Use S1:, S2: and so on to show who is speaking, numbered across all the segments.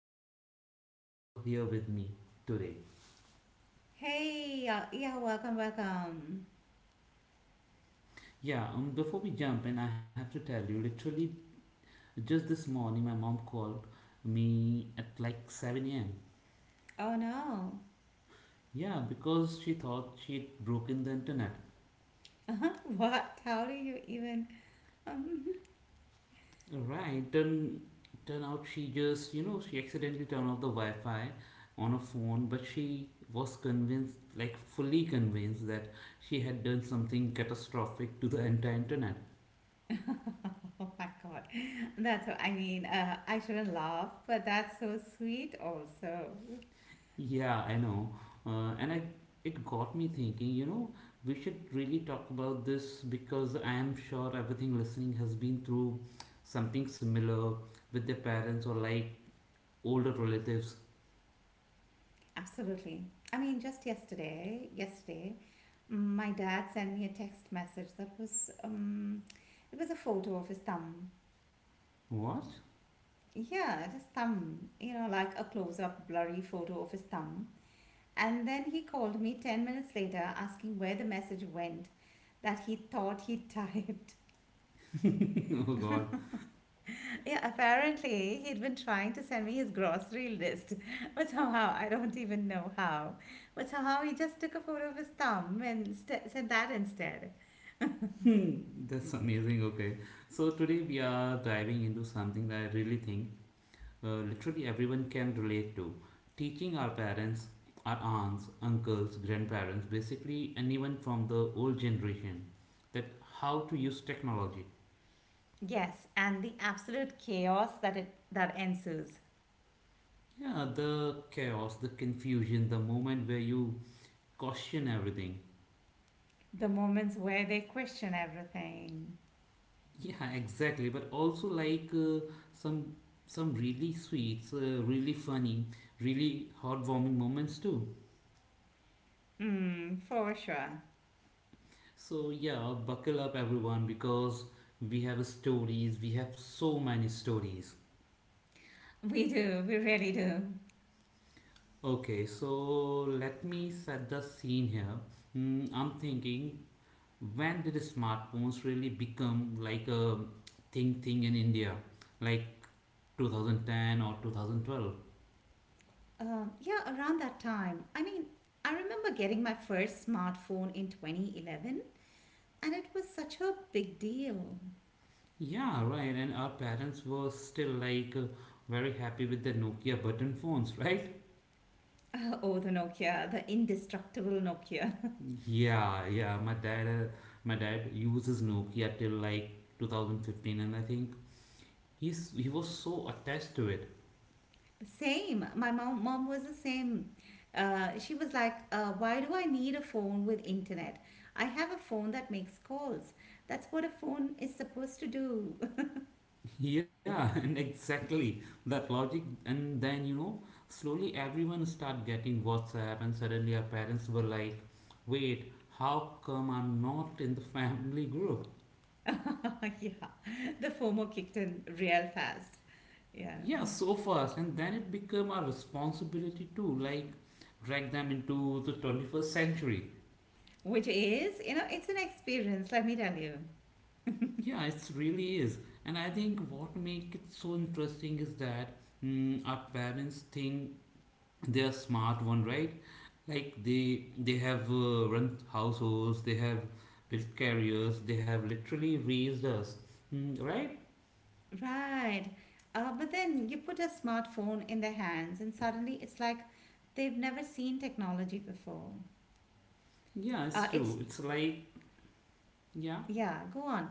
S1: I'm glad you are here with me today.
S2: Hey, yeah, welcome, welcome.
S1: Yeah, before we jump in, I have to tell you literally just this morning my mom called me at like 7 a.m.
S2: Oh no.
S1: Yeah, because she thought she'd broken the internet.
S2: Uh-huh. What? How do you even?
S1: Right, turn out she just, you know, she accidentally turned off the Wi Fi on her phone, but she was convinced, like fully convinced, that she had done something catastrophic to the entire internet.
S2: Oh my God. That's, what I mean, I shouldn't laugh, but that's so sweet also.
S1: Yeah, I know. Uh, and I, it got me thinking, we should really talk about this because I am sure everything listening has been through something similar with their parents or like older relatives.
S2: Absolutely. I mean, just yesterday, my dad sent me a text message. It was a photo of his thumb.
S1: What?
S2: Yeah, just thumb, like a close-up blurry photo of his thumb. And then he called me 10 minutes later asking where the message went that he thought he typed.
S1: Oh God.
S2: Yeah, apparently he'd been trying to send me his grocery list, but somehow I don't even know how. But somehow he just took a photo of his thumb and said that instead.
S1: Hmm, That's amazing. Okay. So today we are diving into something that I really think literally everyone can relate to. Teaching our parents, our aunts, uncles, grandparents, basically anyone from the old generation, that how to use technology.
S2: Yes, and the absolute chaos that ensues.
S1: Yeah, the chaos, the confusion, the moment where you question everything.
S2: The moments where they question everything.
S1: Yeah, exactly. But also like some really sweet, really funny, really heartwarming moments too.
S2: Mm, for sure.
S1: So yeah, buckle up everyone because we have stories, we have so many stories.
S2: We do, we really do.
S1: Okay, so let me set the scene here. I'm thinking when did smartphones really become like a thing thing in India? Like 2010 or 2012?
S2: Yeah, around that time. I mean, I remember getting my first smartphone in 2011, and it was such a big deal.
S1: Yeah, right. And our parents were still like very happy with the Nokia button phones, right?
S2: Oh, the Nokia, the indestructible Nokia.
S1: Yeah, yeah. My dad uses Nokia till like 2015, and I think he was so attached to it.
S2: Same. My mom was the same. She was like, "Why do I need a phone with internet? I have a phone that makes calls. That's what a phone is supposed to do."
S1: Yeah, and exactly that logic. And then slowly everyone start getting WhatsApp, and suddenly our parents were like, "Wait, how come I'm not in the family group?"
S2: Yeah, the FOMO kicked in real fast. Yeah,
S1: Yeah, so fast, and then it became our responsibility to like drag them into the 21st century.
S2: which is, you know, it's an experience, let me tell you.
S1: Yeah, it really is. And I think what makes it so interesting is that our parents think they are smart one, right? Like they have run households, they have built careers, they have literally raised us, right?
S2: Right. But then you put a smartphone in their hands, and suddenly it's like they've never seen technology before.
S1: Yeah, it's
S2: Uh, it's,
S1: true. It's like yeah,
S2: yeah, go on.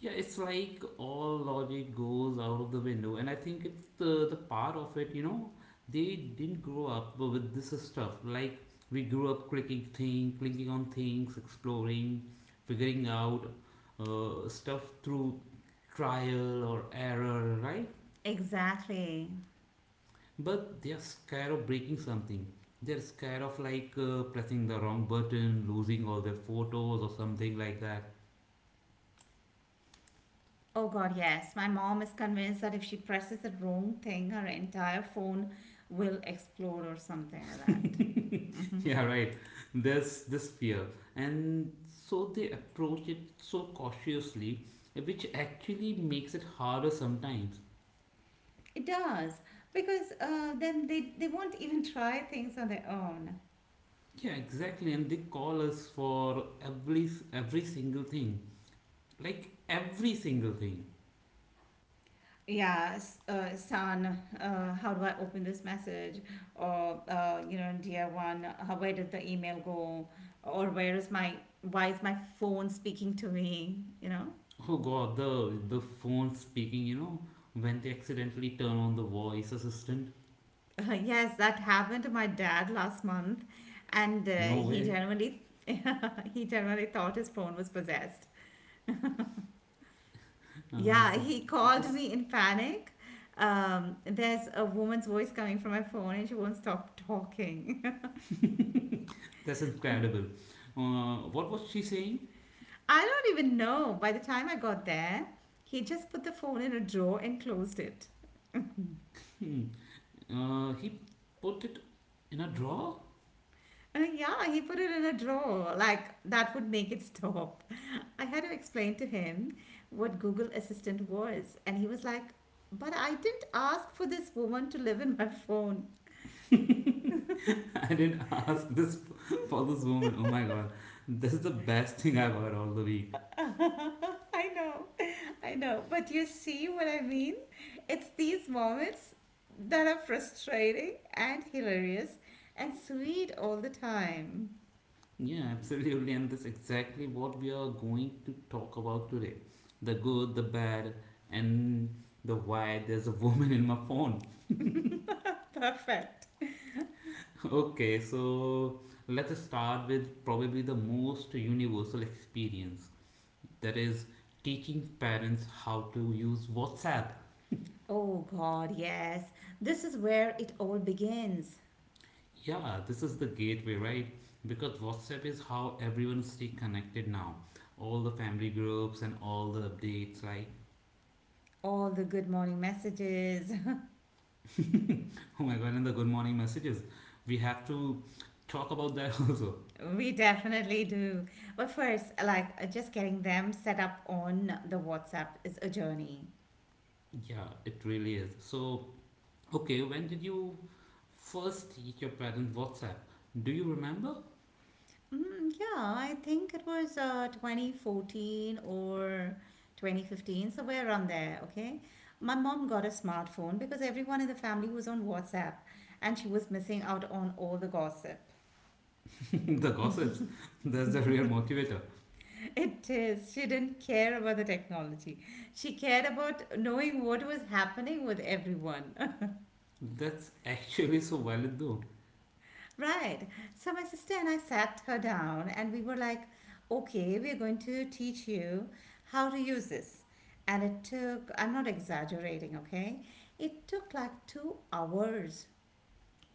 S1: yeah, it's like all logic goes out of the window, and I think it's the part of it. They didn't grow up with this stuff. Like we grew up clicking on things, exploring, figuring out stuff through trial or error, right?
S2: Exactly.
S1: But they are scared of breaking something. They're scared of like pressing the wrong button, losing all their photos or something like
S2: Oh, God, yes. My mom is convinced that if she presses the wrong thing, her entire phone will explode or something like that.
S1: that.
S2: Mhm.
S1: Yeah, right. There's this fear. And so they approach it so cautiously, which actually makes it harder sometimes.
S2: It does, because then they won't even try things on their own.
S1: Yeah, exactly. And they call us for every single thing. Like every single thing.
S2: Yeah, s- san how do I open this message? Or you know, dear one, where did the email go? Or where is my why is my phone speaking to me
S1: Oh God, the phone speaking, when they accidentally turn on the voice assistant.
S2: Yes, that happened to my dad last month. And
S1: No
S2: he
S1: way.
S2: genuinely he genuinely thought his phone was possessed. Yeah,
S1: So
S2: he called
S1: this
S2: me in panic. There's a woman's voice coming from my phone, and she won't stop talking.
S1: That's incredible. What was she saying?
S2: I don't even know. By the time I got there, he just put the phone in a drawer and closed it.
S1: He put it in a drawer.
S2: Yeah, he put it in a drawer. Like, that would make it stop. I had to explain to him what Google Assistant was. And he was like, "But I didn't ask for this woman to live in my phone."
S1: I didn't ask this for this woman. Oh my god, this is the best thing I've heard all the week.
S2: I know. I know. But you see what I mean? It's these moments that are frustrating and hilarious and sweet all the time.
S1: Yeah, absolutely, and that's exactly what we are going to talk about today: the good, the bad, and the why. There's a woman in my phone.
S2: Perfect.
S1: Okay, so let's start with probably the most universal experience that is teaching parents how to use WhatsApp.
S2: Oh God, yes. This is where it all begins.
S1: Yeah, this is the gateway, right? Because WhatsApp is how everyone stay connected now. All the family groups and all the updates, like
S2: All the good morning messages.
S1: oh my god, and the good morning messages. We have to talk about that also.
S2: We definitely do. But first, like just getting them set up on the WhatsApp is a journey.
S1: Yeah, it really is. So, okay, when did you first teach your parents WhatsApp? Do you remember?
S2: Mm, yeah, I think it was 2014 or 2015, somewhere around there, okay? My mom got a smartphone because everyone in the family was on WhatsApp and she was missing out on all the gossip.
S1: The gossips. That's the real motivator.
S2: It is. She didn't care about the technology. She cared about knowing what was happening with everyone.
S1: That's actually so valid though.
S2: Right. So my sister and I sat her down and we were like, "Okay, we're going to teach you how to use this." And it took, I'm not exaggerating, okay? It took like 2 hours.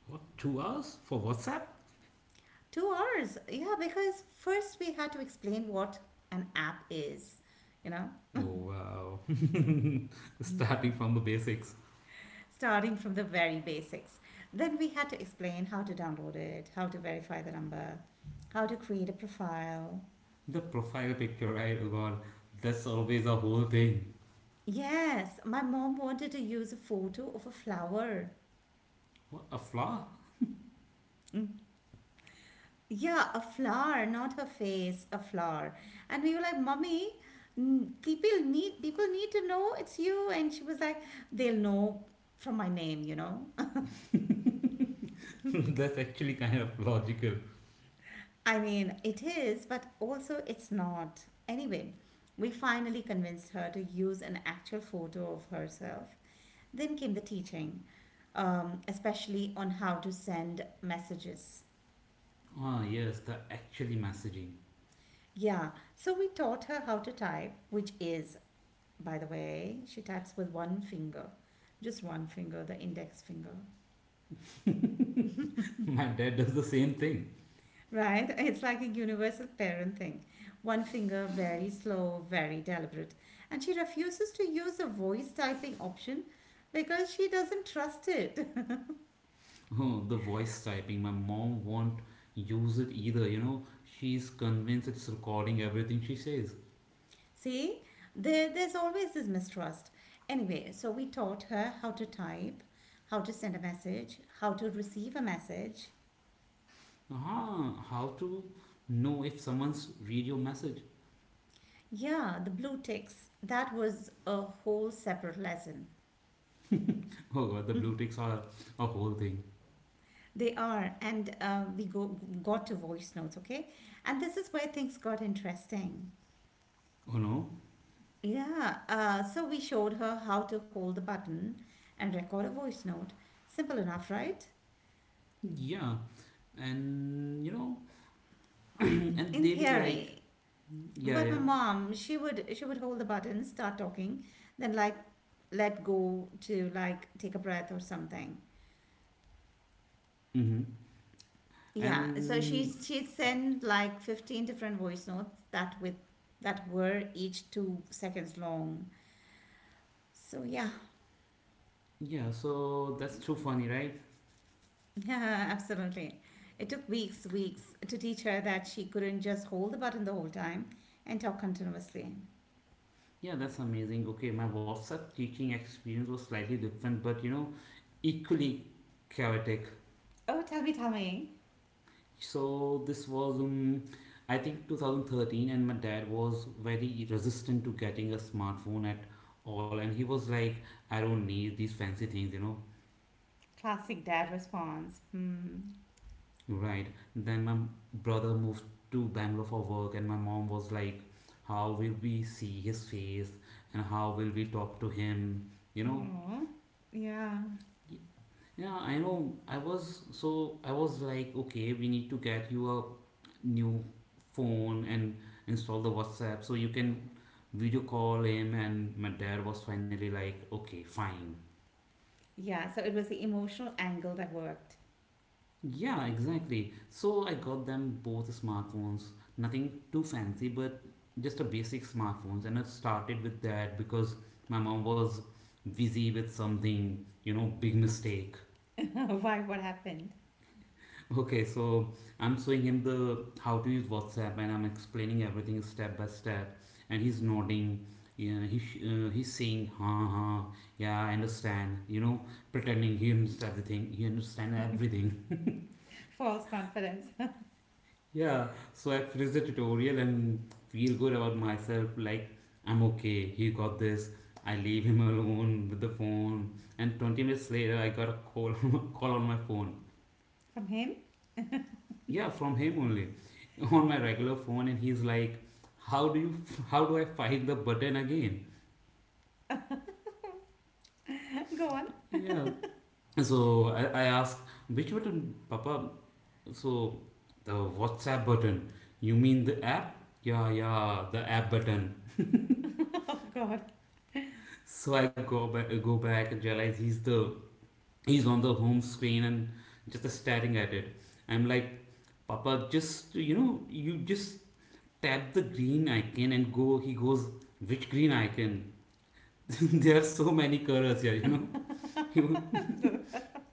S1: What, 2 hours for WhatsApp?
S2: 2 hours. Yeah, because first we had to explain what an app is, you know?
S1: Oh wow. Starting from the basics.
S2: Starting from the very basics. Then we had to explain how to download it, how to verify the number, how to create a profile.
S1: The profile picture, right? Oh god, that's always a whole thing.
S2: Yes, my mom wanted to use a photo of a flower.
S1: What a flaw?
S2: Yeah, a flower, not her face, a flower. And we were like, "Mummy, people need to know it's you." And she was like, "They'll know from my name, you know."
S1: That's actually kind of logical.
S2: I mean, it is, but also it's not. Anyway, we finally convinced her to use an actual photo of herself. Then came the teaching, especially on how to send messages.
S1: Ah yes, the actually messaging.
S2: Yeah, so we taught her how to type, which is, by the way, she types with one finger, just one finger, the index finger.
S1: My dad does the same thing.
S2: Right? It's like a universal parent thing. One finger, very slow, very deliberate. And she refuses to use the voice typing option because she doesn't trust it.
S1: Oh, the voice typing. My mom won't use it either. She's convinced it's recording everything she says.
S2: See, there's always this mistrust. Anyway, so we taught her how to type, how to send a message, how to receive a message.
S1: Huh, how to know if someone's read your message?
S2: Yeah, the blue ticks. That was a whole separate lesson.
S1: Oh god, the blue ticks are a whole thing.
S2: They are, and we go got to voice notes, okay? And this is where things got interesting.
S1: Oh no,
S2: Yeah, so we showed her how to hold the button and record a voice note. Simple enough, right?
S1: yeah, and and
S2: In
S1: they be like,
S2: theory.
S1: yeah,
S2: But my
S1: yeah,
S2: mom, she would hold the button, start talking, then like let go to like take a breath or something.
S1: mm-hmm,
S2: Yeah, so she
S1: and
S2: she sent like 15 different voice notes that were each 2 seconds long. So yeah.
S1: yeah, so that's too funny, right?
S2: Yeah, absolutely. It took weeks, weeks to teach her that she couldn't just hold the button the whole time and talk continuously.
S1: Yeah, that's amazing. Okay, my WhatsApp teaching experience was slightly different, but equally chaotic.
S2: Oh, tell me, tell me.
S1: So this was, I think, 2013, and my dad was very resistant to getting a smartphone at all, and he was like, I don't need these fancy things.
S2: Classic dad response. Hmm.
S1: Right. Then my brother moved to Bangalore for work, and my mom was like, How will we see his face and how will we talk to him? You know?
S2: Oh, yeah.
S1: Yeah, I know. I was like, Okay, we need to get you a new phone and install the WhatsApp so you can video call him. And my dad was finally like, Okay, fine.
S2: Yeah, so it was the emotional angle that worked.
S1: Yeah, exactly. So I got them both smartphones, nothing too fancy, but just a basic smartphones. And I started with that because my mom was busy with something, big mistake.
S2: Why? What happened?
S1: Okay, so I'm showing him the how to use WhatsApp and I'm explaining everything step by step, and he's nodding. Yeah, he's saying, huh, huh, yeah, I understand, pretending he understands everything, he understands everything.
S2: False confidence.
S1: Yeah, so I finished the tutorial and feel good about myself. Like, I'm okay, he got this. I leave him alone with the phone. And 20 minutes later, I got a call on my phone.
S2: From him.
S1: Yeah, from him only. On my regular phone, and he's like, How do you, how do I find the button again?
S2: Go on.
S1: Yeah, so I asked, which button, Papa? So the WhatsApp button. You mean the app? Yeah, yeah, the app button.
S2: Oh, God.
S1: So I go back and realize he's on the home screen and just staring at it. I'm like, Papa, you just tap the green icon and go. He goes, which green icon? There are so many colors here. He, wa-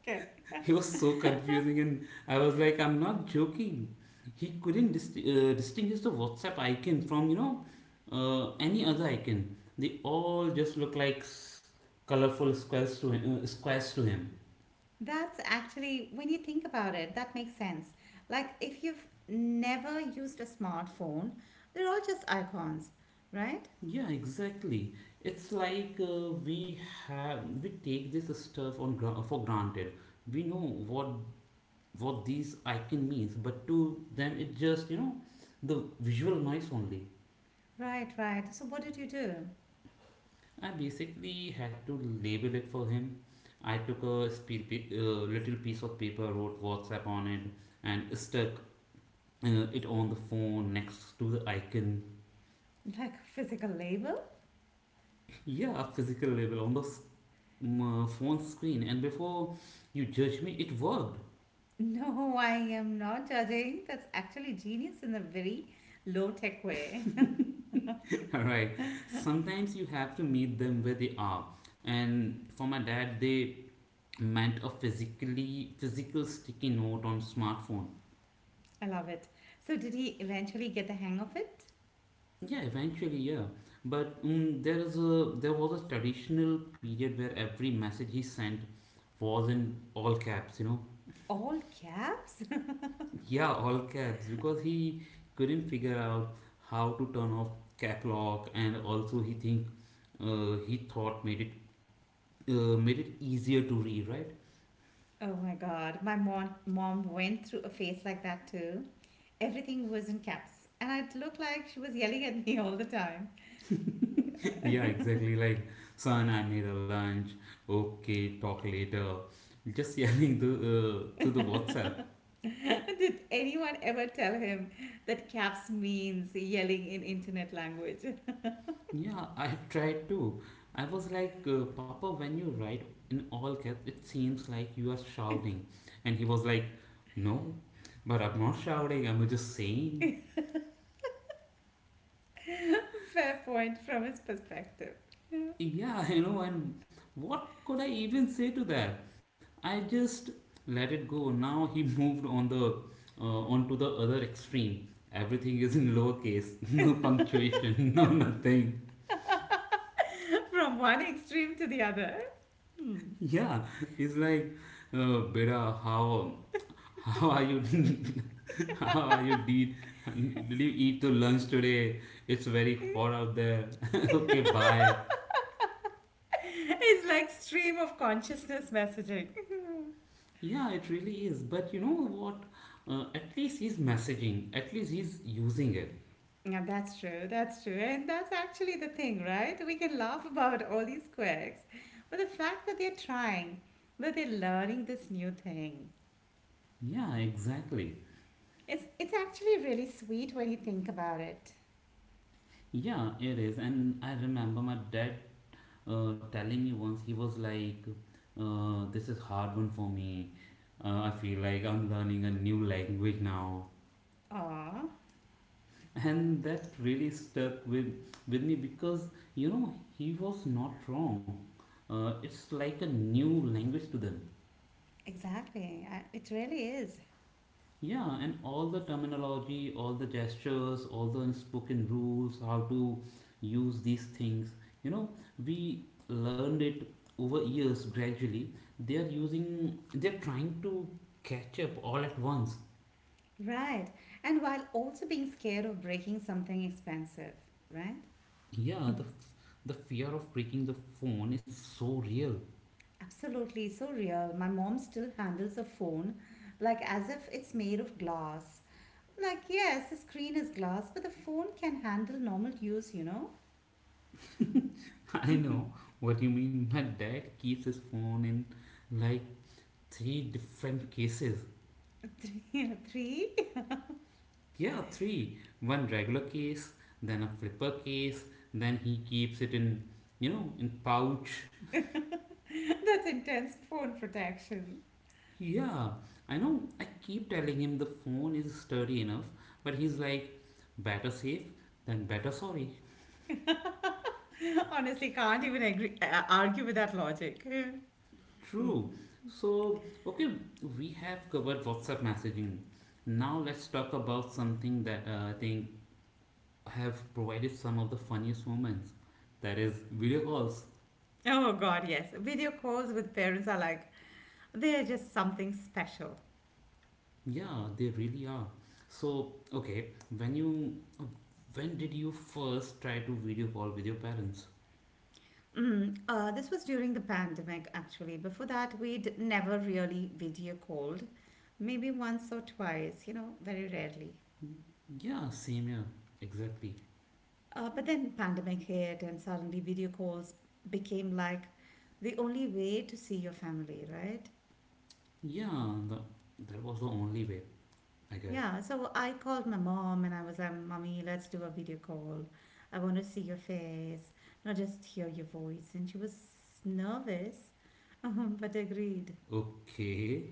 S2: Okay.
S1: he was so confusing, and I was like, I'm not joking. He couldn't distinguish the WhatsApp icon from any other icon. They all just look like colorful squares to him.
S2: That's actually, when you think about it, that makes sense. Like, if you've never used a smartphone, they're all just icons, right?
S1: Yeah, exactly. It's like we take this stuff on for granted. We know what these icon means, but to them it just the visual noise only.
S2: Right, right. So, what did you do?
S1: I basically had to label it for him. I took a little piece of paper, wrote WhatsApp on it, and stuck it on the phone next to the icon.
S2: Like, a physical label?
S1: Yeah, a physical label on the phone screen. And before you judge me, it worked.
S2: No, I am not judging. That's actually genius in a very low tech way.
S1: Alright, sometimes you have to meet them where they are. And for my dad, they meant a physical sticky note on smartphone.
S2: I love it. So, did he eventually get the hang of it?
S1: Yeah, eventually, yeah. But there was a traditional period where every message he sent was in all caps.
S2: All caps?
S1: Yeah, all caps because he couldn't figure out how to turn off cap lock, and also he thought made it easier to read, right?
S2: Oh my God. My mom went through a phase like that too. Everything was in caps, and it looked like she was yelling at me all the time.
S1: Yeah, exactly. Like, son, I made a lunch. Okay, talk later. Just yelling the
S2: Did
S1: to the WhatsApp.
S2: anyone ever tell him that caps means yelling in internet language?
S1: Yeah, I tried to. I was like, Papa, when you write in all caps, it seems like you are shouting. And he was like, No, but I'm not shouting, I'm just saying.
S2: Fair point from his perspective.
S1: Yeah, and what could I even say to that? I just let it go. Now he moved on the onto the other extreme. Everything is in lowercase, no punctuation, no nothing.
S2: From one extreme to the other. Hmm.
S1: Yeah, he's like, Beta, how are you How are you? Did you eat your lunch today? It's very hot out there. Okay, bye.
S2: It's like stream of consciousness messaging.
S1: Yeah, it really is. But you know what? At least he's messaging. At least he's using it.
S2: Yeah, that's true. That's true. And that's actually the thing, right? We can laugh about all these quirks, but the fact that they're trying, that they're learning this new thing,
S1: Yeah, exactly.
S2: it's actually really sweet when you think about it.
S1: Yeah, it is. And I remember my dad telling me once, he was like, This is hard one for me. I feel like I'm learning a new language now.
S2: Aw,
S1: And that really stuck with me because he was not wrong. It's like a new language to them.
S2: exactly. It really is.
S1: Yeah, and all the terminology, all the gestures, all the unspoken rules, how to use these things you know we learned it over years gradually. They are using They're trying to catch up all at once.
S2: Right. And while also being scared of breaking something expensive, right?
S1: Yeah, the fear of breaking the phone is so real.
S2: Absolutely. So real. My mom still handles a phone like as if it's made of glass. Like, yes, the screen is glass, but the phone can handle normal use, you know?
S1: I know what you mean. My dad keeps his phone in, like, three different cases.
S2: Three, three?
S1: Yeah, three. One regular case, then a flipper case, then he keeps it in, in pouch.
S2: That's intense phone protection.
S1: Yeah, I know. I keep telling him the phone is sturdy enough, but he's like, better safe than better sorry.
S2: Honestly, can't even argue with that logic.
S1: True.
S2: Hmm.
S1: So, okay, we have covered WhatsApp messaging. Now let's talk about something that I think have provided some of the funniest moments. That is video calls.
S2: Oh, God, yes. Video calls with parents are like, they're just something special.
S1: Yeah, they really are. So, okay, when you when did you first try to video call with your parents?
S2: This was during the pandemic, actually. Before that, we'd never really video called. Maybe once or twice, very rarely.
S1: Yeah, same year. Exactly.
S2: But then pandemic hit and suddenly video calls became like the only way to see your family, right?
S1: Yeah, that was the only way, I guess.
S2: Yeah, so I called my mom and I was like, "Mommy, let's do a video call. I want to see your face, not just hear your voice." And she was nervous, but agreed.
S1: Okay.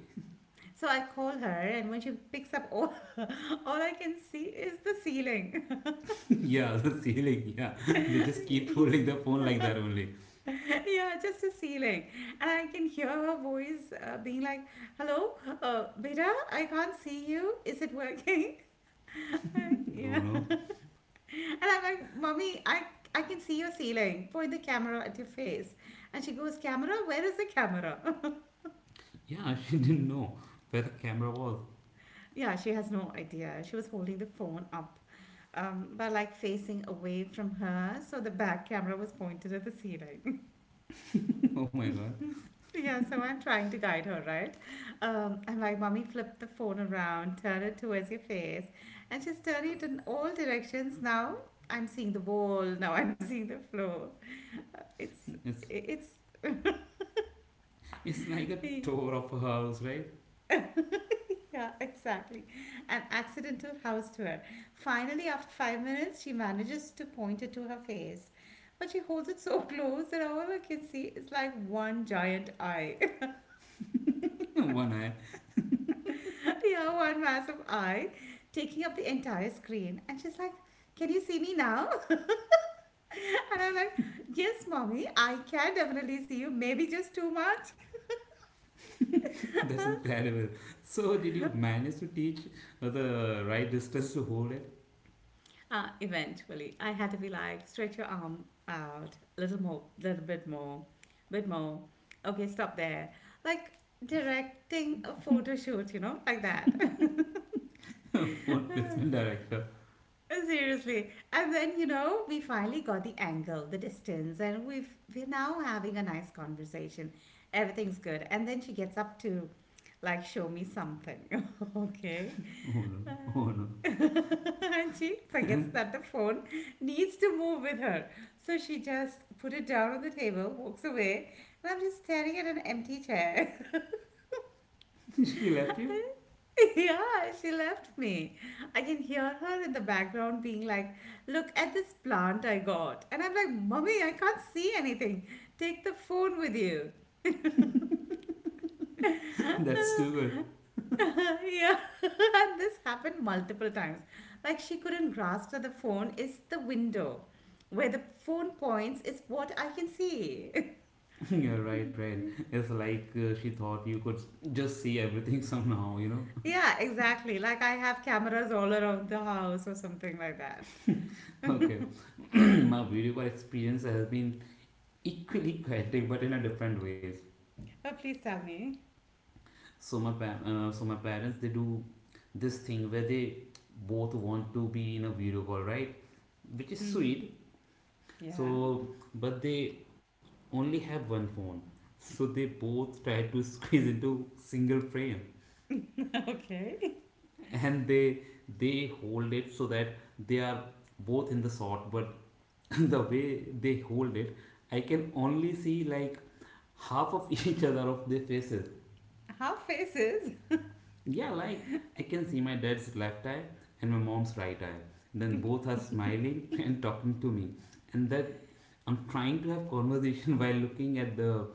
S2: So I call her, and when she picks up, all all I can see is the ceiling.
S1: Yeah, the ceiling. Yeah, they just keep holding the phone like that only.
S2: Yeah, just a ceiling. And I can hear her voice being like, "Hello, beta, I can't see you. Is it working?" Yeah.
S1: You know?
S2: And I'm like, "Mommy, I can see your ceiling. Point the camera at your face." And she goes, "Camera? Where is the camera?"
S1: Yeah, she didn't know where the camera was.
S2: Yeah, she has no idea. She was holding the phone up. But like facing away from her, so the back camera was pointed at the ceiling.
S1: Oh my god.
S2: Yeah, so I'm trying to guide her, right? I'm like, "Mommy, flip the phone around, turn it towards your face." And she's turning it in all directions. Now I'm seeing the wall, now I'm seeing the floor. It's,
S1: It's
S2: it's,
S1: It's like a tour of a house, right?
S2: yeah, exactly. An accidental house tour. Finally, after 5 minutes, she manages to point it to her face. But she holds it so close that all I can see is like one giant eye.
S1: One eye.
S2: Yeah, one massive eye taking up the entire screen. And she's like, "Can you see me now?" And I'm like, "Yes, mommy, I can definitely see you. Maybe just too much."
S1: That's incredible. So, did you manage to teach the right distance to hold it?
S2: Eventually, I had to be like, "Stretch your arm out a little more, little bit more, bit more. Okay, stop there." Like directing a photo shoot, like that.
S1: Phone placement director.
S2: Seriously. And then, you know, we finally got the angle, the distance, and we're now having a nice conversation. Everything's good. And then she gets up to like show me something. okay.
S1: Oh no,
S2: Uh,
S1: oh no.
S2: and she forgets that the phone needs to move with her. So she just put it down on the table, walks away, and I'm just staring at an empty chair.
S1: She left you?
S2: Yeah, she left me. I can hear her in the background being like, Look at this plant I got. And I'm like, Mummy, I can't see anything. Take the phone with you.
S1: That's too good.
S2: yeah, and this happened multiple times. Like, she couldn't grasp that the phone is the window. Where the phone points is what I can see.
S1: You're right, right. It's like she thought you could just see everything somehow, you know?
S2: yeah, exactly. Like, I have cameras all around the house or something like that.
S1: Okay. My video call experience has been equally chaotic, but in a different ways.
S2: Oh, please tell me.
S1: So my parents, they do this thing where they both want to be in a video call, right, which is
S2: Hmm.
S1: sweet.
S2: Yeah,
S1: So, but they only have one phone, so they both try to squeeze into single frame,
S2: okay.
S1: and they hold it so that they are both in the shot. But the way they hold it, I can only see, like, half of each other of their faces.
S2: Half faces?
S1: Yeah, like, I can see my dad's left eye and my mom's right eye. Then both are smiling and talking to me. And that, I'm trying to have conversation while looking at the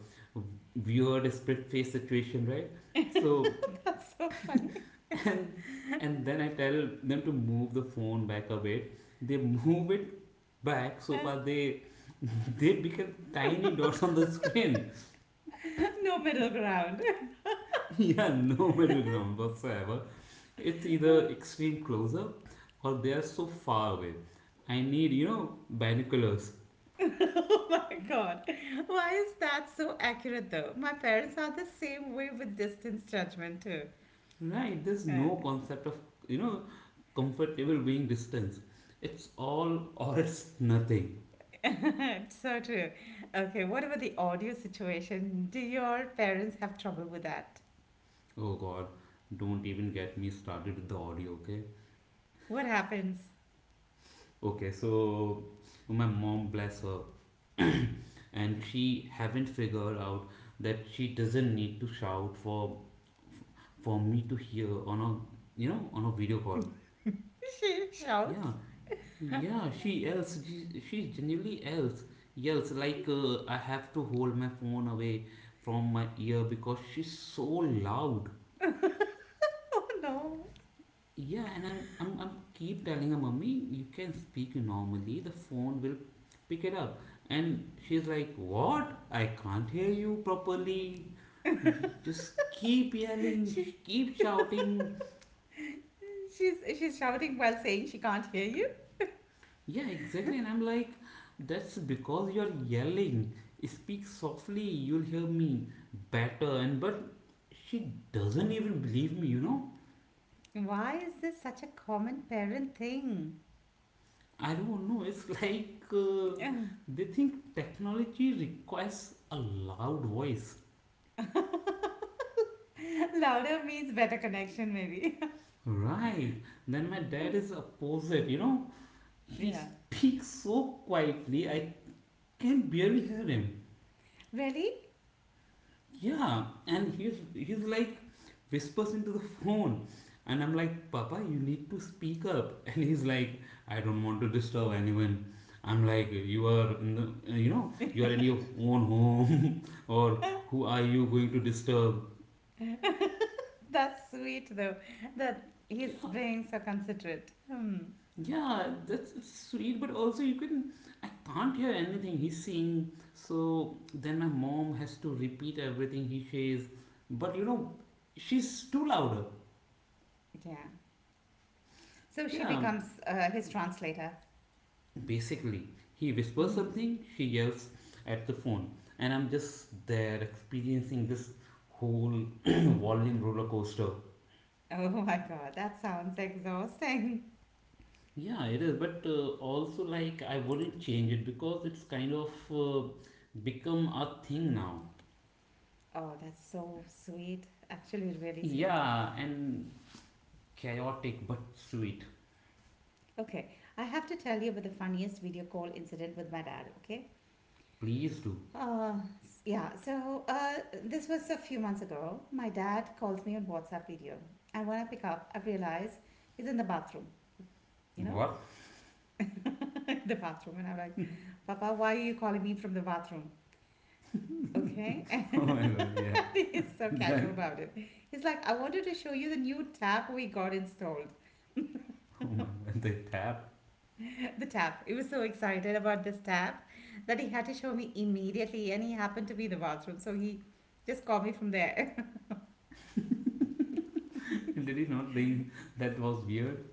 S1: weird split face situation, right? So,
S2: That's so funny.
S1: and and then I tell them to move the phone back a bit. They move it back so far they they become tiny dots on the screen.
S2: no middle ground.
S1: Yeah, no middle ground whatsoever. It's either extreme close up, or they are so far away. I need, binoculars.
S2: oh my god. Why is that so accurate though? My parents are the same way with distance judgment too.
S1: Right? There's no
S2: Uh,
S1: concept of, you know, comfortable being distance. It's all or it's nothing.
S2: it's so true. Okay, what about the audio situation? Do your parents have trouble with that?
S1: Oh god, don't even get me started with the audio, okay?
S2: What happens?
S1: Okay, so my mom, bless her, and she haven't figured out that she doesn't need to shout for me to hear on a you know on a video call,
S2: She shouts.
S1: yeah. Yeah, she yells. She genuinely yells. Yells like I have to hold my phone away from my ear because she's so loud.
S2: Oh no.
S1: Yeah, and I'm keep telling her, Mummy, you can speak normally. The phone will pick it up. And she's like, What? I can't hear you properly. And she just keep yelling,
S2: She
S1: keep shouting.
S2: she's shouting while saying she can't hear you.
S1: Yeah, exactly. And I'm like, that's because you're yelling. Speak softly, you'll hear me better. And but she doesn't even believe me, you know?
S2: Why is this such a common parent thing?
S1: I don't know. It's like
S2: Ugh,
S1: they think technology requires a loud voice.
S2: louder means better connection, maybe.
S1: Right. Then my dad is opposite, you know? He
S2: yeah.
S1: speaks so quietly, I can barely hear him.
S2: Really?
S1: Yeah, and he's like whispers into the phone, and I'm like, Papa, you need to speak up. And he's like, I don't want to disturb anyone. I'm like, you are in your own home, or who are you going to disturb?
S2: That's sweet, though, that
S1: Yeah,
S2: he's being so considerate. Hmm.
S1: yeah, that's it's sweet, but also I can't hear anything he's saying. So then my mom has to repeat everything he says, but she's too louder.
S2: Yeah. So she
S1: Yeah,
S2: becomes his translator.
S1: basically, he whispers
S2: Mhm.
S1: something, she yells at the phone, and I'm just there experiencing this whole volume roller coaster.
S2: Oh my God, that sounds exhausting.
S1: Yeah, it is, but also like I wouldn't change it because it's kind of become a thing now.
S2: Oh, that's so sweet. Actually, really sweet.
S1: Yeah, and chaotic but sweet.
S2: Okay, I have to tell you about the funniest video call incident with my dad, okay?
S1: Please do.
S2: Uh, yeah, so this was a few months ago. My dad calls me on WhatsApp video. And when I pick up, I realize he's in the bathroom, you know,
S1: What?
S2: the bathroom. And I'm like, Papa, why are you calling me from the bathroom? Okay.
S1: Oh my god, yeah.
S2: And he's so casual
S1: Then,
S2: about it. He's like, I wanted to show you the new tap we got installed.
S1: oh my god, the tap.
S2: The tap. He was so excited about this tap that he had to show me immediately. And he happened to be in the bathroom. So he just called me from there.
S1: Did he not think that was weird?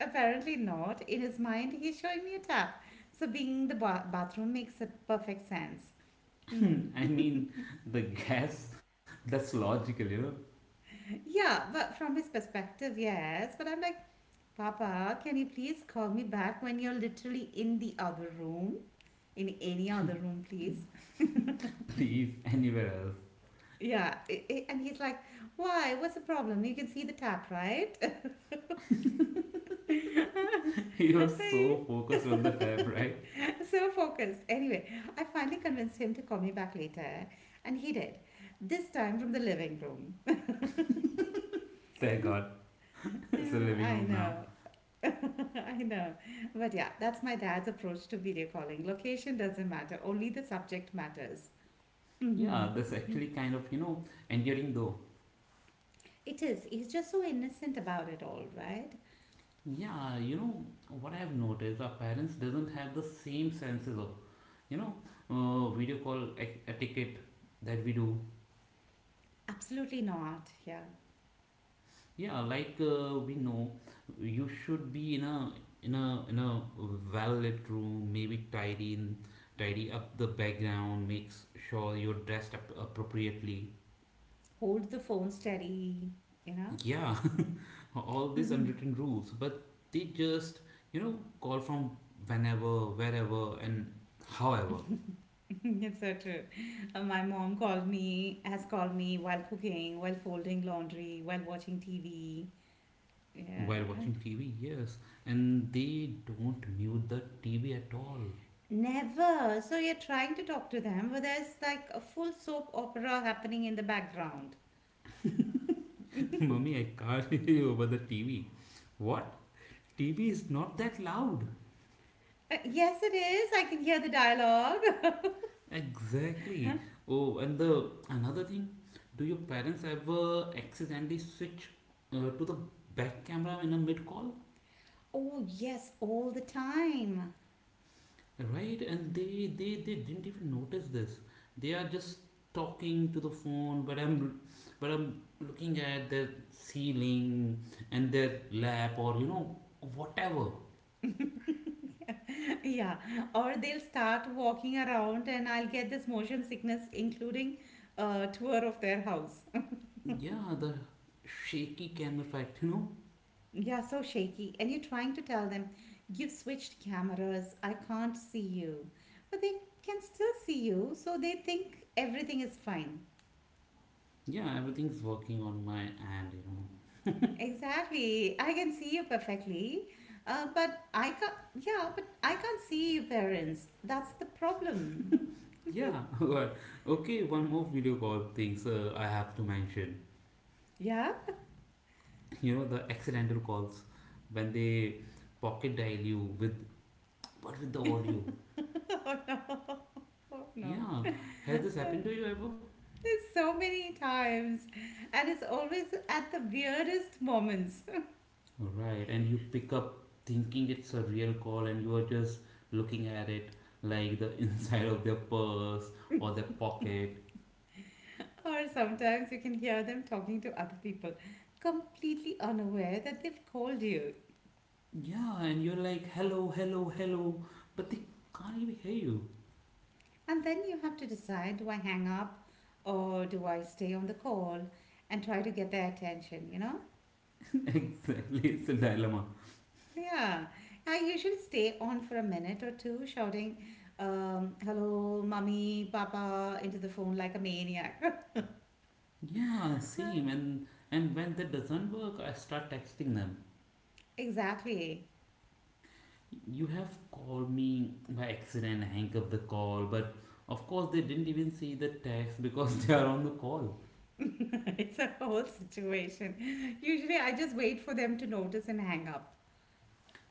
S2: Apparently not. In his mind, he's showing me a tap. So being the bathroom makes a perfect sense. Mm.
S1: I mean, the gas, that's logical.
S2: yeah, but from his perspective, yes. But I'm like, Papa, can you please call me back when you're literally in the other room? In any other room, please.
S1: Please, anywhere else.
S2: Yeah, and he's like, why? What's the problem? You can see the tap, right?
S1: He was so focused on the tab, right?
S2: so focused. Anyway, I finally convinced him to call me back later, and he did. This time from the living room.
S1: Thank God. It's the
S2: Yeah,
S1: living
S2: I
S1: room
S2: know.
S1: now.
S2: I know. But yeah, that's my dad's approach to video calling. Location doesn't matter, only the subject matters. Hmm.
S1: Yeah, that's actually kind of, endearing though.
S2: It is. He's just so innocent about it all, right?
S1: Yeah, what I have noticed, our parents doesn't have the same senses of, you know, video call etiquette that we do.
S2: Absolutely not. Yeah.
S1: Yeah, like we know, you should be in a well lit room. Maybe tidy up the background. Makes sure you're dressed up appropriately.
S2: Hold the phone steady, you know?
S1: Yeah, all these
S2: Mhm.
S1: unwritten rules, but they just call from whenever, wherever, and however
S2: it's so true. My mom has called me while cooking, while folding laundry, while watching TV.
S1: while
S2: Yeah.
S1: watching TV. Yes, and they don't mute the TV at all.
S2: Never. So you're trying to talk to them, but there's like a full soap opera happening in the background.
S1: Mummy, I can't hear you over the TV. What? TV is not that loud.
S2: Yes, it is. I can hear the dialogue.
S1: Exactly. Oh, and the another thing, do your parents ever accidentally switch to the back camera in a mid call?
S2: oh, yes, all the time.
S1: Right? And they didn't even notice this. They are just talking to the phone, but I'm looking at their ceiling and their lap, or whatever.
S2: yeah. Or they'll start walking around, and I'll get this motion sickness, including a tour of their house.
S1: Yeah, the shaky cam effect. You know.
S2: yeah, so shaky. And you're trying to tell them, you've switched cameras. I can't see you. But they can still see you, so they think everything is fine.
S1: Yeah, everything's working on my end. You know.
S2: Exactly. I can see you perfectly. But I can't, yeah, but I can't see your parents. That's the problem.
S1: Yeah, well, okay, one more video call things I have to mention.
S2: Yeah?
S1: You know, the accidental calls when they pocket dial you with but with the audio.
S2: Oh no. Oh no.
S1: Yeah, has this happened to you ever?
S2: There's so many times. And it's always at the weirdest moments.
S1: Right, and you pick up thinking it's a real call, and you are just looking at it like the inside of their purse or their pocket.
S2: Or sometimes you can hear them talking to other people, completely unaware that they've called you.
S1: Yeah, and you're like, hello, hello, hello, but they can't even hear you.
S2: And then you have to decide do I hang up or do I stay on the call and try to get their attention, you know?
S1: Exactly, it's a dilemma.
S2: Yeah, I usually stay on for a minute or two, shouting, hello, mommy, papa, into the phone like a maniac.
S1: Yeah, same. And when that doesn't work, I start texting them.
S2: Exactly.
S1: You have called me by accident, hang up the call, but of course they didn't even see the text because they are on the call.
S2: It's a whole situation. Usually, I just wait for them to notice and hang up.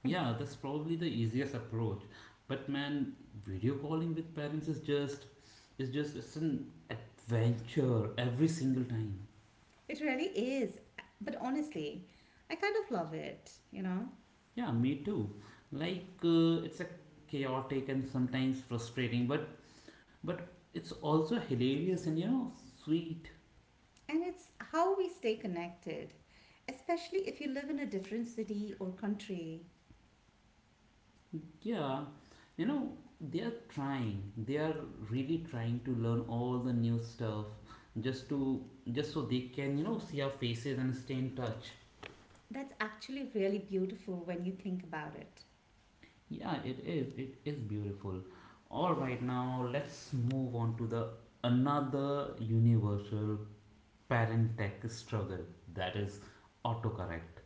S1: Yeah, that's probably the easiest approach. But man, video calling with parents is just it's an adventure every single time.
S2: It really is. But honestly, I kind of love it, you know?
S1: Yeah, me too. Like it's a chaotic and sometimes frustrating, but but it's also hilarious and sweet.
S2: And it's how we stay connected, especially if you live in a different city or country.
S1: Yeah, you know they are really trying to learn all the new stuff, just to just so they can see our faces and stay in touch.
S2: That's actually really beautiful when you think about it.
S1: Yeah, it is beautiful. All right, now let's move on to the another universal parent tech struggle, that is autocorrect.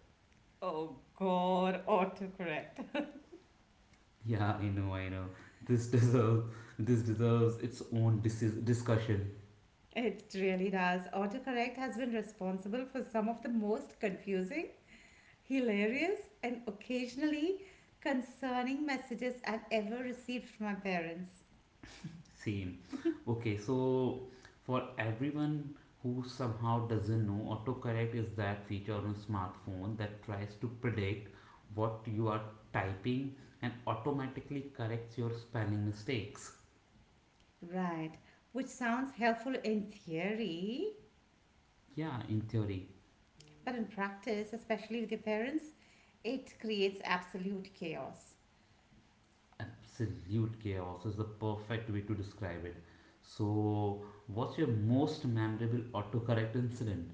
S2: Oh God, autocorrect.
S1: Yeah, I know, I know. This deserves this deserves its own discussion.
S2: It really does. Autocorrect has been responsible for some of the most confusing, hilarious, and occasionally concerning messages I've ever received from my parents.
S1: Same. Okay, so for everyone who somehow doesn't know, autocorrect is that feature on a smartphone that tries to predict what you are typing and automatically corrects your spelling mistakes.
S2: Right, which sounds helpful in theory,
S1: Yeah, in theory,
S2: but in practice, especially with your parents, it creates absolute chaos.
S1: absolute chaos is the perfect way to describe it. So, what's your most memorable autocorrect incident?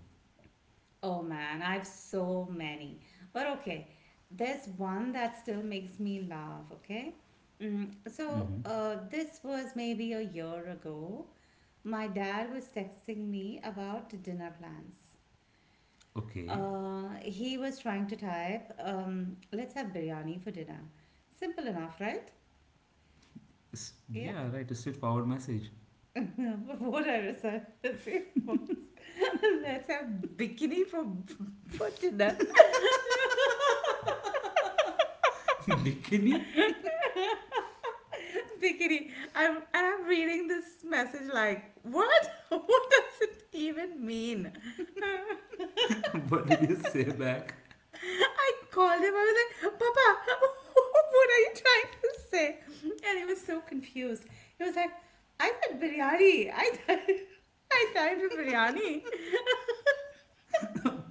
S2: Oh man, I've so many. But okay, there's one that still makes me laugh, okay? Mm, so
S1: Mm-hmm.
S2: this was maybe a year ago. My dad was texting me about dinner plans.
S1: Okay.
S2: He was trying to type, let's have biryani for dinner. Simple enough, right? Yeah.
S1: Yeah, right. A straightforward message.
S2: But what I received was, let's have bikini for dinner.
S1: Bikini?
S2: Bikini. I'm reading this message like, what? What does it even mean?
S1: What did you say back?
S2: I called him. I was like, Papa, what are you trying to say? And he was so confused. He was like, I said biryani. I typed biryani.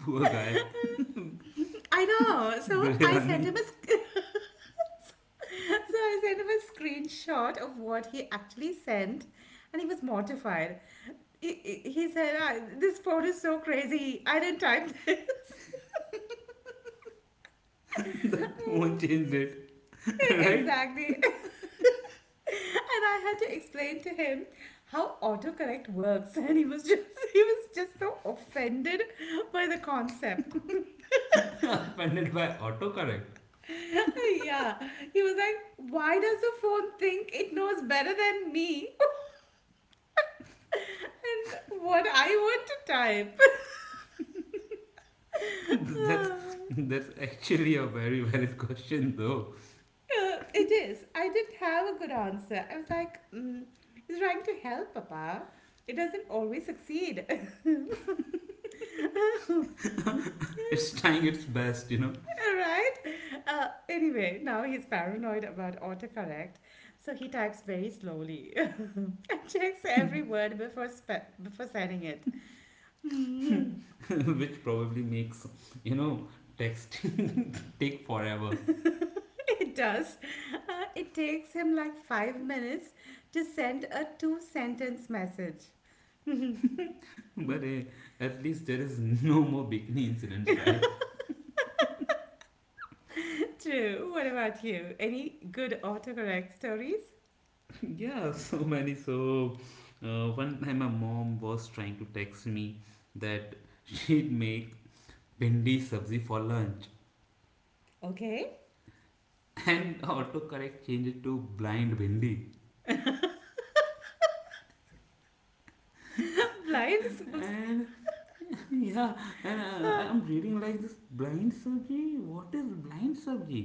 S1: Poor guy.
S2: I know. So I sent
S1: Biryani.
S2: him a so I sent him a screenshot of what he actually sent, and he was mortified. He, he said, "Ah, this phone is so crazy. I didn't type this."
S1: Won't change it. Right?
S2: exactly. And I had to explain to him how autocorrect works, and he was just he was just so offended by the concept.
S1: Offended by autocorrect.
S2: yeah. He was like, Why does the phone think it knows better than me? and what I want to type?
S1: that's
S2: Ah,
S1: that's actually a very valid question though.
S2: uh, it is. I didn't have a good answer. I was like, mm, he's trying to help, Papa. It doesn't always succeed.
S1: It's trying its best,
S2: Right? Anyway, now he's paranoid about autocorrect, so he types very slowly and checks every word before before sending it. Hmm.
S1: which probably makes you know texting take forever.
S2: it does. It takes him like 5 minutes to send a two sentence message.
S1: But at least there is no more bikini incidents, right?
S2: True. What about you? Any good autocorrect stories?
S1: Yeah, so many. So, one time my mom was trying to text me that she'd make bindi sabzi for lunch,
S2: Okay.
S1: and autocorrect changed it to blind bindi.
S2: Blind subs.
S1: And yeah, and I'm reading like this blind sabzi. What is blind sabzi?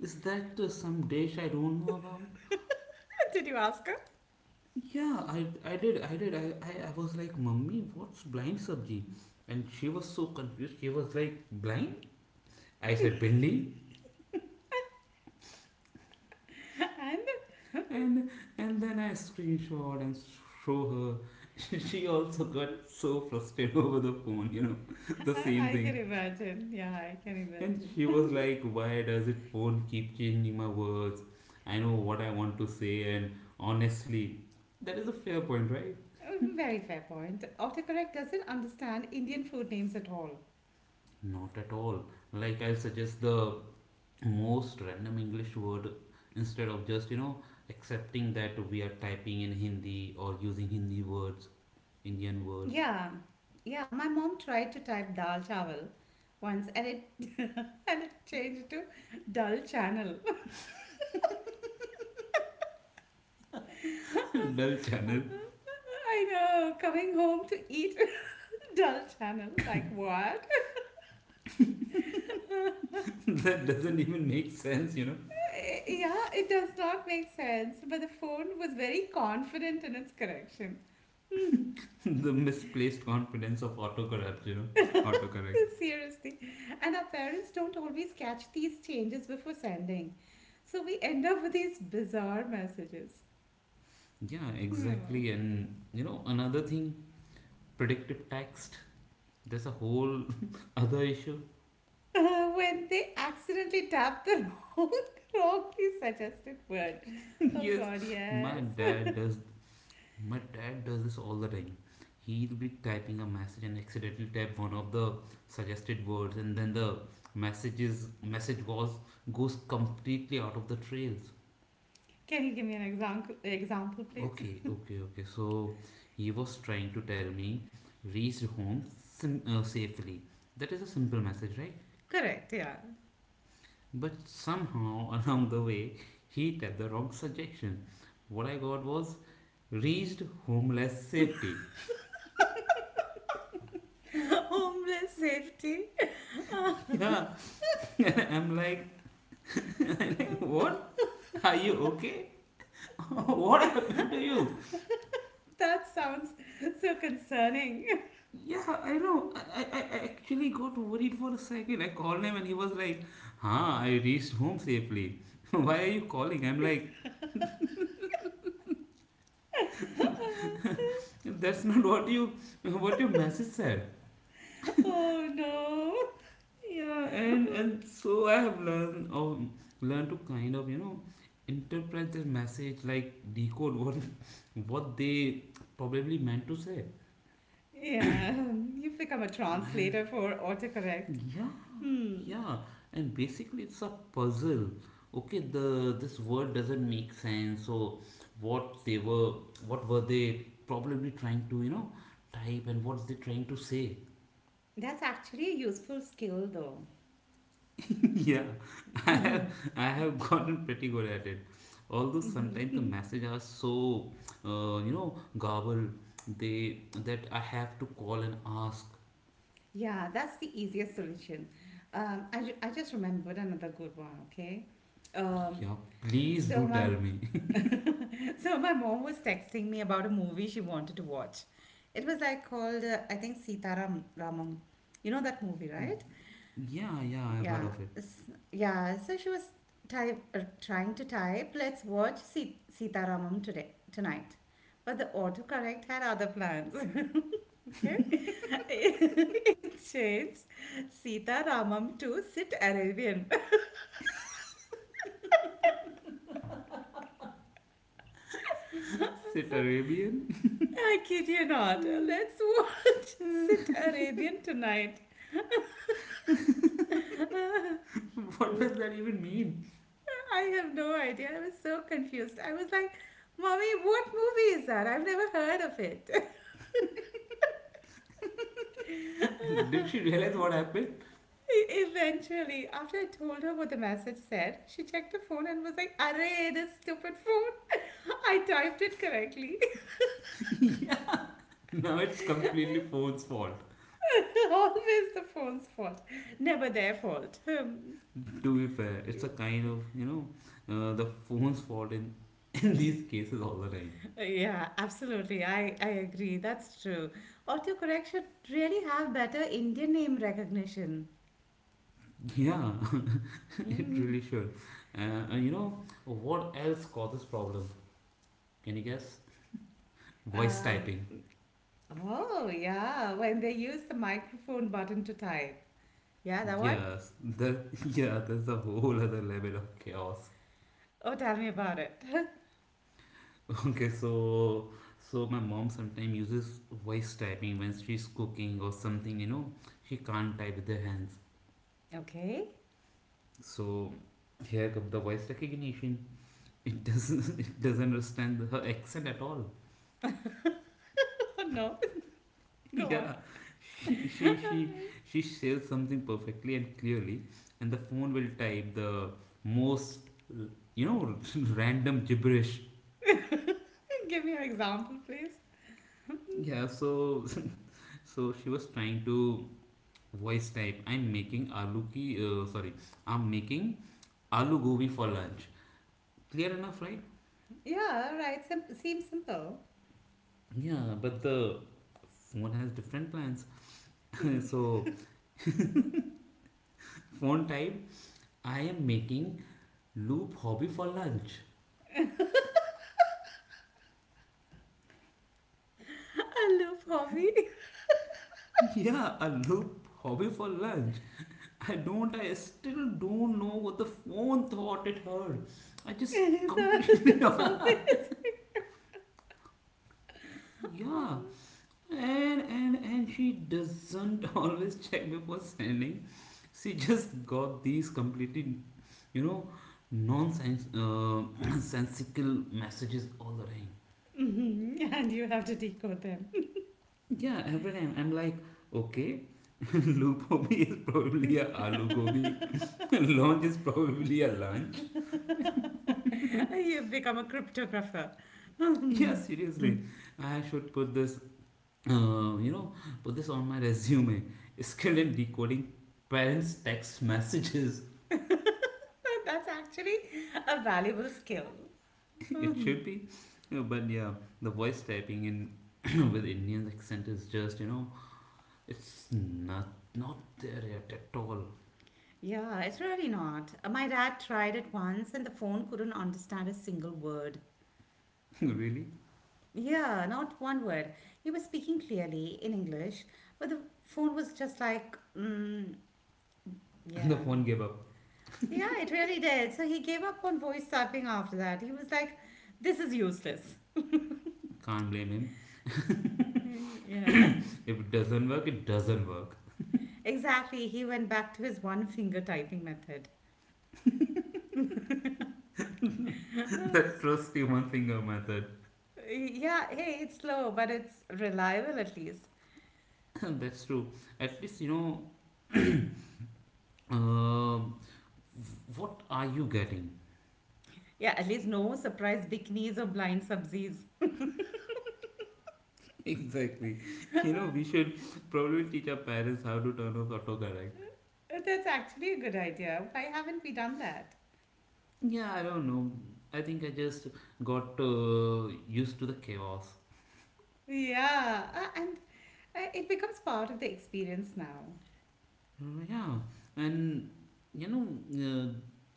S1: Is that some dish I don't know about?
S2: Did you ask her?
S1: Yeah, I did, I did. I was like, Mummy, what's blind sabji? And she was so confused. She was like, Blind? I said, Billy?
S2: And
S1: And and then I screenshot and show her. She also got so frustrated over the phone, the same
S2: I can
S1: thing.
S2: imagine. Yeah, I can
S1: And
S2: imagine.
S1: she was like, Why does it phone keep changing my words? I know what I want to say, and honestly, that is a fair point, right?
S2: Very fair point. Autocorrect doesn't understand Indian food names at all.
S1: Not at all. Like, I'll suggest the most random English word instead of just, accepting that we are typing in Hindi or using Hindi words, Indian words.
S2: Yeah, yeah. My mom tried to type dal chawal once, and it and it changed to dull channel.
S1: Dull channel.
S2: I know. Coming home to eat dull channel. Like what?
S1: That doesn't even make sense.
S2: Eh, yeah, it does not make sense. But the phone was very confident in its correction.
S1: The misplaced confidence of autocorrect. Autocorrect.
S2: Seriously. And our parents don't always catch these changes before sending. So we end up with these bizarre messages.
S1: Yeah,
S2: Hmm.
S1: exactly. And, another thing, predictive text. There's a whole other issue.
S2: When they accidentally tap the wrong, wrongly suggested word. Oh
S1: Yes,
S2: god,
S1: my
S2: yes.
S1: dad does. My dad does this all the time. He'll be typing a message and accidentally type one of the suggested words, and then the message was goes completely out of the trails.
S2: Can you give me an example please?
S1: Okay, okay, okay. So he was trying to tell me reached home safely. That is a simple message, right?
S2: Correct, yeah.
S1: But somehow along the way, he had the wrong suggestion. What I got was reached homeless safety.
S2: Homeless safety.
S1: Yeah. I'm like, I'm like, what? Are you okay? What happened to you?
S2: That sounds so concerning.
S1: Yeah, I know. I actually got worried for a second. I called him and he was like, "Huh, I reached home safely. Why are you calling?" I'm like, "That's not what your message said."
S2: oh no.
S1: Yeah, and
S2: Mm.
S1: and so I have learned to kind of, interpret their message, like decode what what they probably meant to say.
S2: Yeah, you've become a
S1: And
S2: translator for autocorrect.
S1: yeah.
S2: Hmm,
S1: Yeah, and basically it's a puzzle. Okay, the this word doesn't make sense. So what they were what were they probably trying to, type, and what they trying to say?
S2: that's actually a useful skill though.
S1: Yeah. I have
S2: Mhm,
S1: I have gotten pretty good at it. Although
S2: mhm,
S1: sometimes the
S2: mhm.
S1: messages are so garbled they that I have to call and ask,
S2: Yeah, that's the easiest solution. I just remembered another good one, okay? Um,
S1: yeah, please do
S2: so my
S1: tell me.
S2: so my mom was texting me about a movie she wanted to watch. It was like called I think Sitaram Ramam. You know that movie, right?
S1: Yeah, yeah, I've heard
S2: Yeah,
S1: of it.
S2: yeah. So she was trying to type. Let's watch Sitaramam today tonight, but the autocorrect had other plans. okay, it changed Sitaramam to Sit Arabian.
S1: Sit Arabian?
S2: I kid you not. Let's watch Sit Arabian tonight.
S1: What does that even mean?
S2: I have no idea. I was so confused. I was like, "Mommy, what movie is that? I've never heard of it."
S1: Did she realize what happened?
S2: Eventually, after I told her what the message said, she checked her phone and was like, "Arey this stupid phone. I typed it correctly.
S1: Yeah. Now it's completely phone's fault.
S2: Always the phone's fault, never their fault. Hmm.
S1: To be fair, it's a kind of the phone's fault in in these cases all the time.
S2: Yeah, absolutely. I agree. That's true. Autocorrect should really have better Indian name recognition. Yeah.
S1: Yeah, it
S2: Hmm.
S1: really should. And you know what else causes problem? Can you guess? Voice
S2: Um,
S1: typing.
S2: oh, yeah, when they use the microphone button to type. Yeah, that one?
S1: Yes, the yeah, there's a whole other level of chaos.
S2: Oh, tell me about it.
S1: Okay, so my mom sometimes uses voice typing when she's cooking or something. She can't type with her hands.
S2: Okay.
S1: So here comes the voice recognition. It doesn't it doesn't understand her accent at all.
S2: no, go on.
S1: Yeah. She she she she says something perfectly and clearly, and the phone will type the most you know random gibberish.
S2: Give me an example, please.
S1: Yeah, so she was trying to voice type, I'm making aloo ki, sorry, I'm making aloo gobi for lunch. Clear enough, right?
S2: Yeah, right. Seems simple.
S1: Yeah, but the phone has different plans. So phone type, I am making loop hobby for lunch.
S2: I love hobby.
S1: Yeah, a loop hobby for lunch. I still don't know what the phone thought it heard. I just completely
S2: That's how this.
S1: yeah. And she doesn't always check before sending. She just got these completely you know nonsense sensical messages all the time.
S2: Mhm, and you have to decode them.
S1: Yeah, every time I'm like, okay, Lupobi is probably a aloo gobi. Lunch is probably a lunch.
S2: you become a cryptographer.
S1: Yeah,
S2: Mhm.
S1: seriously, I should uh, you know, put this on my resume. Skilled in decoding parents' text messages.
S2: That's actually a valuable skill.
S1: It
S2: Mhm.
S1: should be, but yeah, the voice typing in with Indian accent is just, it's not not there yet at all.
S2: Yeah, it's really not. My dad tried it once and the phone couldn't understand a single word.
S1: Really?
S2: Yeah, not one word. He was speaking clearly in English, but the phone was just like, mm,
S1: The
S2: yeah.
S1: phone gave up.
S2: Yeah, it really did. So he gave up on voice typing after that. He was like, this is useless.
S1: Can't blame him.
S2: Yeah.
S1: If it doesn't work, it doesn't work.
S2: Exactly. He went back to his one finger typing method.
S1: That's trusty one finger method.
S2: Yeah, hey, it's slow, but it's reliable at least.
S1: That's true. At least, you know, um what are you getting?
S2: Yeah, at least no surprise bikinis or blind subsies.
S1: Exactly. We should probably teach our parents how to turn off autocorrect.
S2: That's actually a good idea. Why haven't we done that?
S1: Yeah, I don't know. I think I just got used to the chaos.
S2: Yeah, and It becomes part of the experience now.
S1: Yeah, and you know, uh,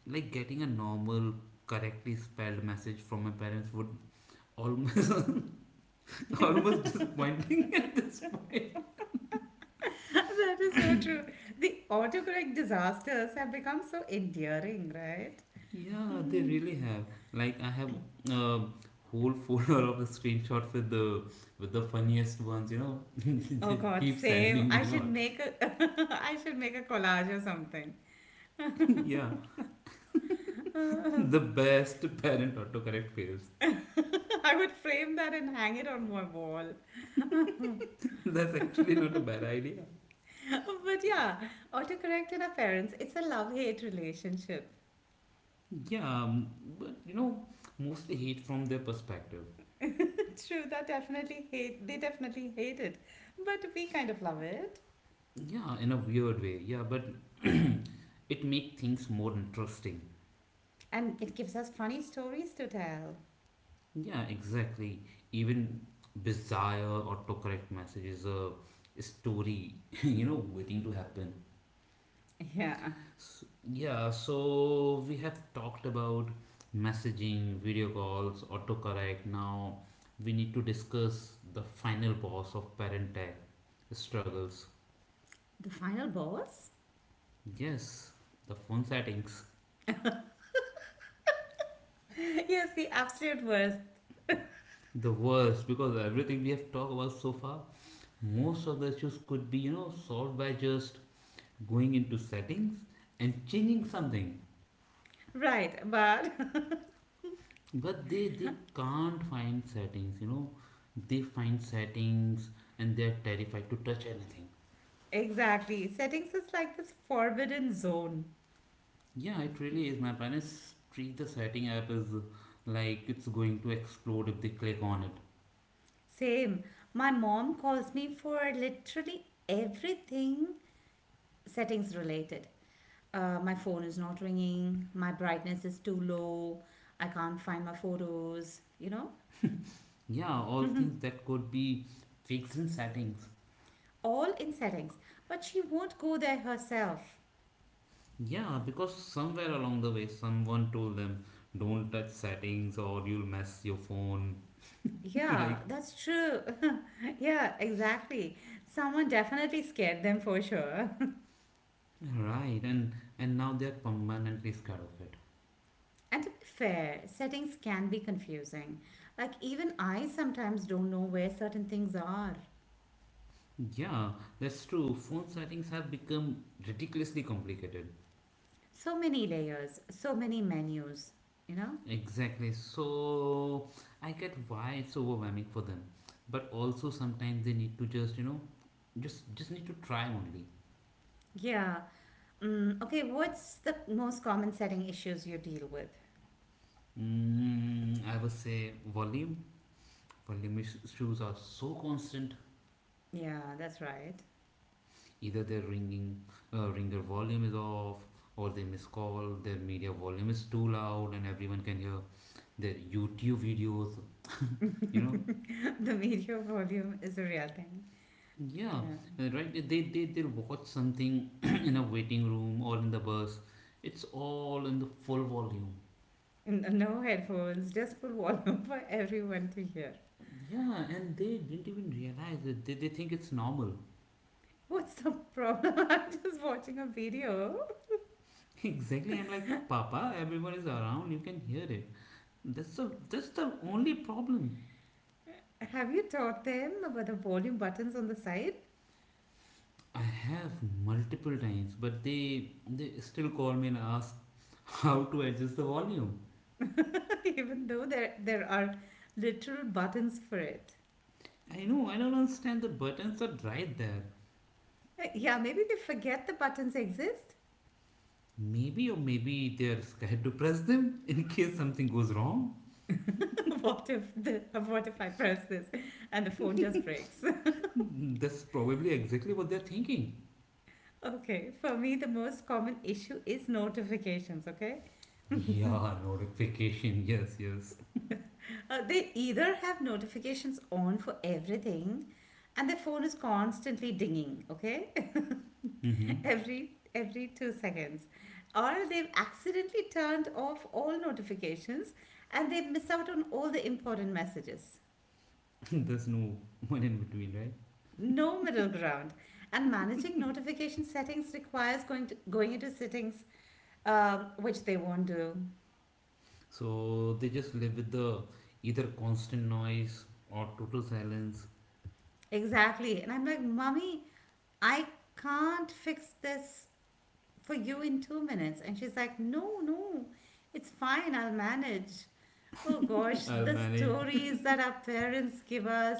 S1: like getting a normal, correctly spelled message from my parents would almost almost disappointing.
S2: That is so true. The autocorrect disasters have become so endearing, right?
S1: Yeah, they
S2: Mhm.
S1: really have. Like, I have a whole folder of the screenshots with the funniest ones. You know,
S2: Oh
S1: they
S2: God,
S1: keep
S2: same.
S1: sending me
S2: I
S1: and all.
S2: should make a I should make a collage or something.
S1: Yeah, the best parent autocorrect fails.
S2: I would frame that and hang it on my wall.
S1: That's actually not a bad idea.
S2: But yeah, autocorrect and our parents, it's a love-hate relationship.
S1: Yeah, but mostly hate from their perspective.
S2: True, that definitely hate they definitely hate it. But we kind of love it.
S1: Yeah, in a weird way. Yeah, but it makes things more interesting.
S2: And it gives us funny stories to tell.
S1: Yeah, exactly. Even bizarre autocorrect messages, a story, waiting to happen.
S2: Yeah.
S1: S- Yeah, so we have talked about messaging, video calls, autocorrect. Now we need to discuss the final boss of parent tech struggles.
S2: The final boss?
S1: Yes, the phone settings.
S2: Yes, the absolute worst.
S1: The worst, because everything we have talked about so far, most of the issues could be, solved by just going into settings and changing something.
S2: Right, but
S1: But they can't find settings, they find settings, and they're terrified to touch anything.
S2: exactly. Settings is like this forbidden zone.
S1: Yeah, it really is. My parents treat the setting app as, like it's going to explode if they click on it.
S2: Same. My mom calls me for literally everything settings related. My phone is not ringing, my brightness is too low, I can't find my photos.
S1: Yeah, all things that could be fixed in settings.
S2: All in settings. But she won't go there herself.
S1: Yeah, because somewhere along the way someone told them don't touch settings or you'll mess your phone.
S2: Yeah,
S1: Like,
S2: that's true. Yeah, exactly. Someone definitely scared them for sure.
S1: right. And now they're permanently scared of it.
S2: And to be fair, settings can be confusing. Like, even I sometimes don't know where certain things are.
S1: Yeah, that's true. Phone settings have become ridiculously complicated.
S2: So many layers, so many menus, you know?
S1: Exactly. So I get why it's overwhelming for them. But also sometimes they need to just, just need to try only.
S2: Yeah. Mm, okay, what's the most common setting issues you deal with?
S1: Mm, I would say volume. Volume issues are so constant.
S2: Yeah, that's right.
S1: Either their ringer volume is off, or they miss call. Their media volume is too loud, and everyone can hear their YouTube videos. You know,
S2: The media volume is a real thing.
S1: yeah,
S2: Yeah.
S1: right. They watch something in a waiting room or in the bus. It's all in the full volume.
S2: N- no headphones, just full volume for everyone to hear.
S1: Yeah, and they didn't even realize it. They think it's normal.
S2: What's the problem? I'm just watching a video.
S1: Exactly. I'm like, Papa, everyone is around. You can hear it. That's the only problem.
S2: Have you taught them about the volume buttons on the side?
S1: I have multiple times, but they still call me and ask how to adjust the volume.
S2: Even though there are literal buttons for it.
S1: I know. I don't understand. The buttons are right there.
S2: Yeah, maybe they forget the buttons exist.
S1: Maybe, or maybe they're scared to press them in case something goes wrong.
S2: What if the what if I press this and the phone just breaks?
S1: That's probably exactly what they're thinking.
S2: Okay, for me the most common issue is notifications, okay?
S1: Yeah, notification. Yes, yes.
S2: They either have notifications on for everything and their phone is constantly dinging, okay?
S1: Mm-hmm.
S2: Every 2 seconds, or they've accidentally turned off all notifications and they miss out on all the important messages.
S1: There's no one in between, right?
S2: No middle ground, and managing notification settings requires going into settings, which they won't do.
S1: So they just live with the either constant noise or total silence.
S2: Exactly. And I'm like, mommy, I can't fix this for you in 2 minutes. And she's like, no, no, it's fine, I'll manage. Oh gosh,
S1: I'll
S2: the
S1: manage.
S2: stories that our parents give us,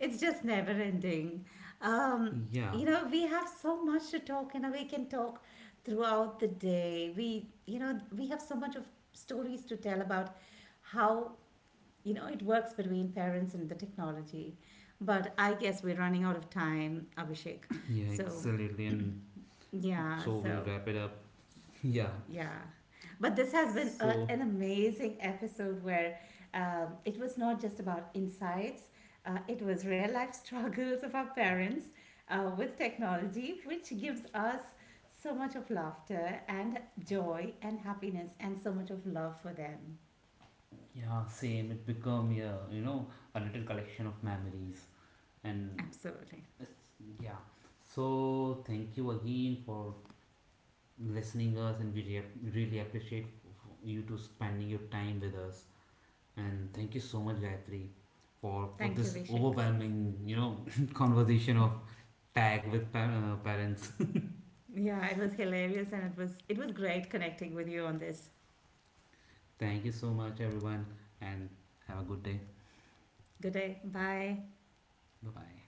S2: it's just never ending. Um,
S1: Yeah,
S2: you know, we have so much to talk, and we can talk throughout the day. You know, we have so much of stories to tell about how, you know, it works between parents and the technology. But I guess we're running out of time, Abhishek.
S1: yeah,
S2: So,
S1: excellently. And
S2: yeah,
S1: so we'll
S2: so
S1: wrap it up. Yeah.
S2: yeah. But this has been
S1: So
S2: an amazing episode where it was not just about insights, it was real life struggles of our parents with technology, which gives us so much of laughter and joy and happiness and so much of love for them.
S1: yeah, same. It become yeah, a little collection of memories and
S2: Absolutely.
S1: yeah. So thank you again for listening us, and we really appreciate you to spending your time with us. And thank you so much, Gayatri, for
S2: Thank you,
S1: this
S2: Vishak.
S1: overwhelming you know conversation of tag with parents.
S2: Yeah, it was hilarious and it was great connecting with you on this.
S1: Thank you so much, everyone, and have a good day.
S2: Good day. Bye.
S1: Bye bye.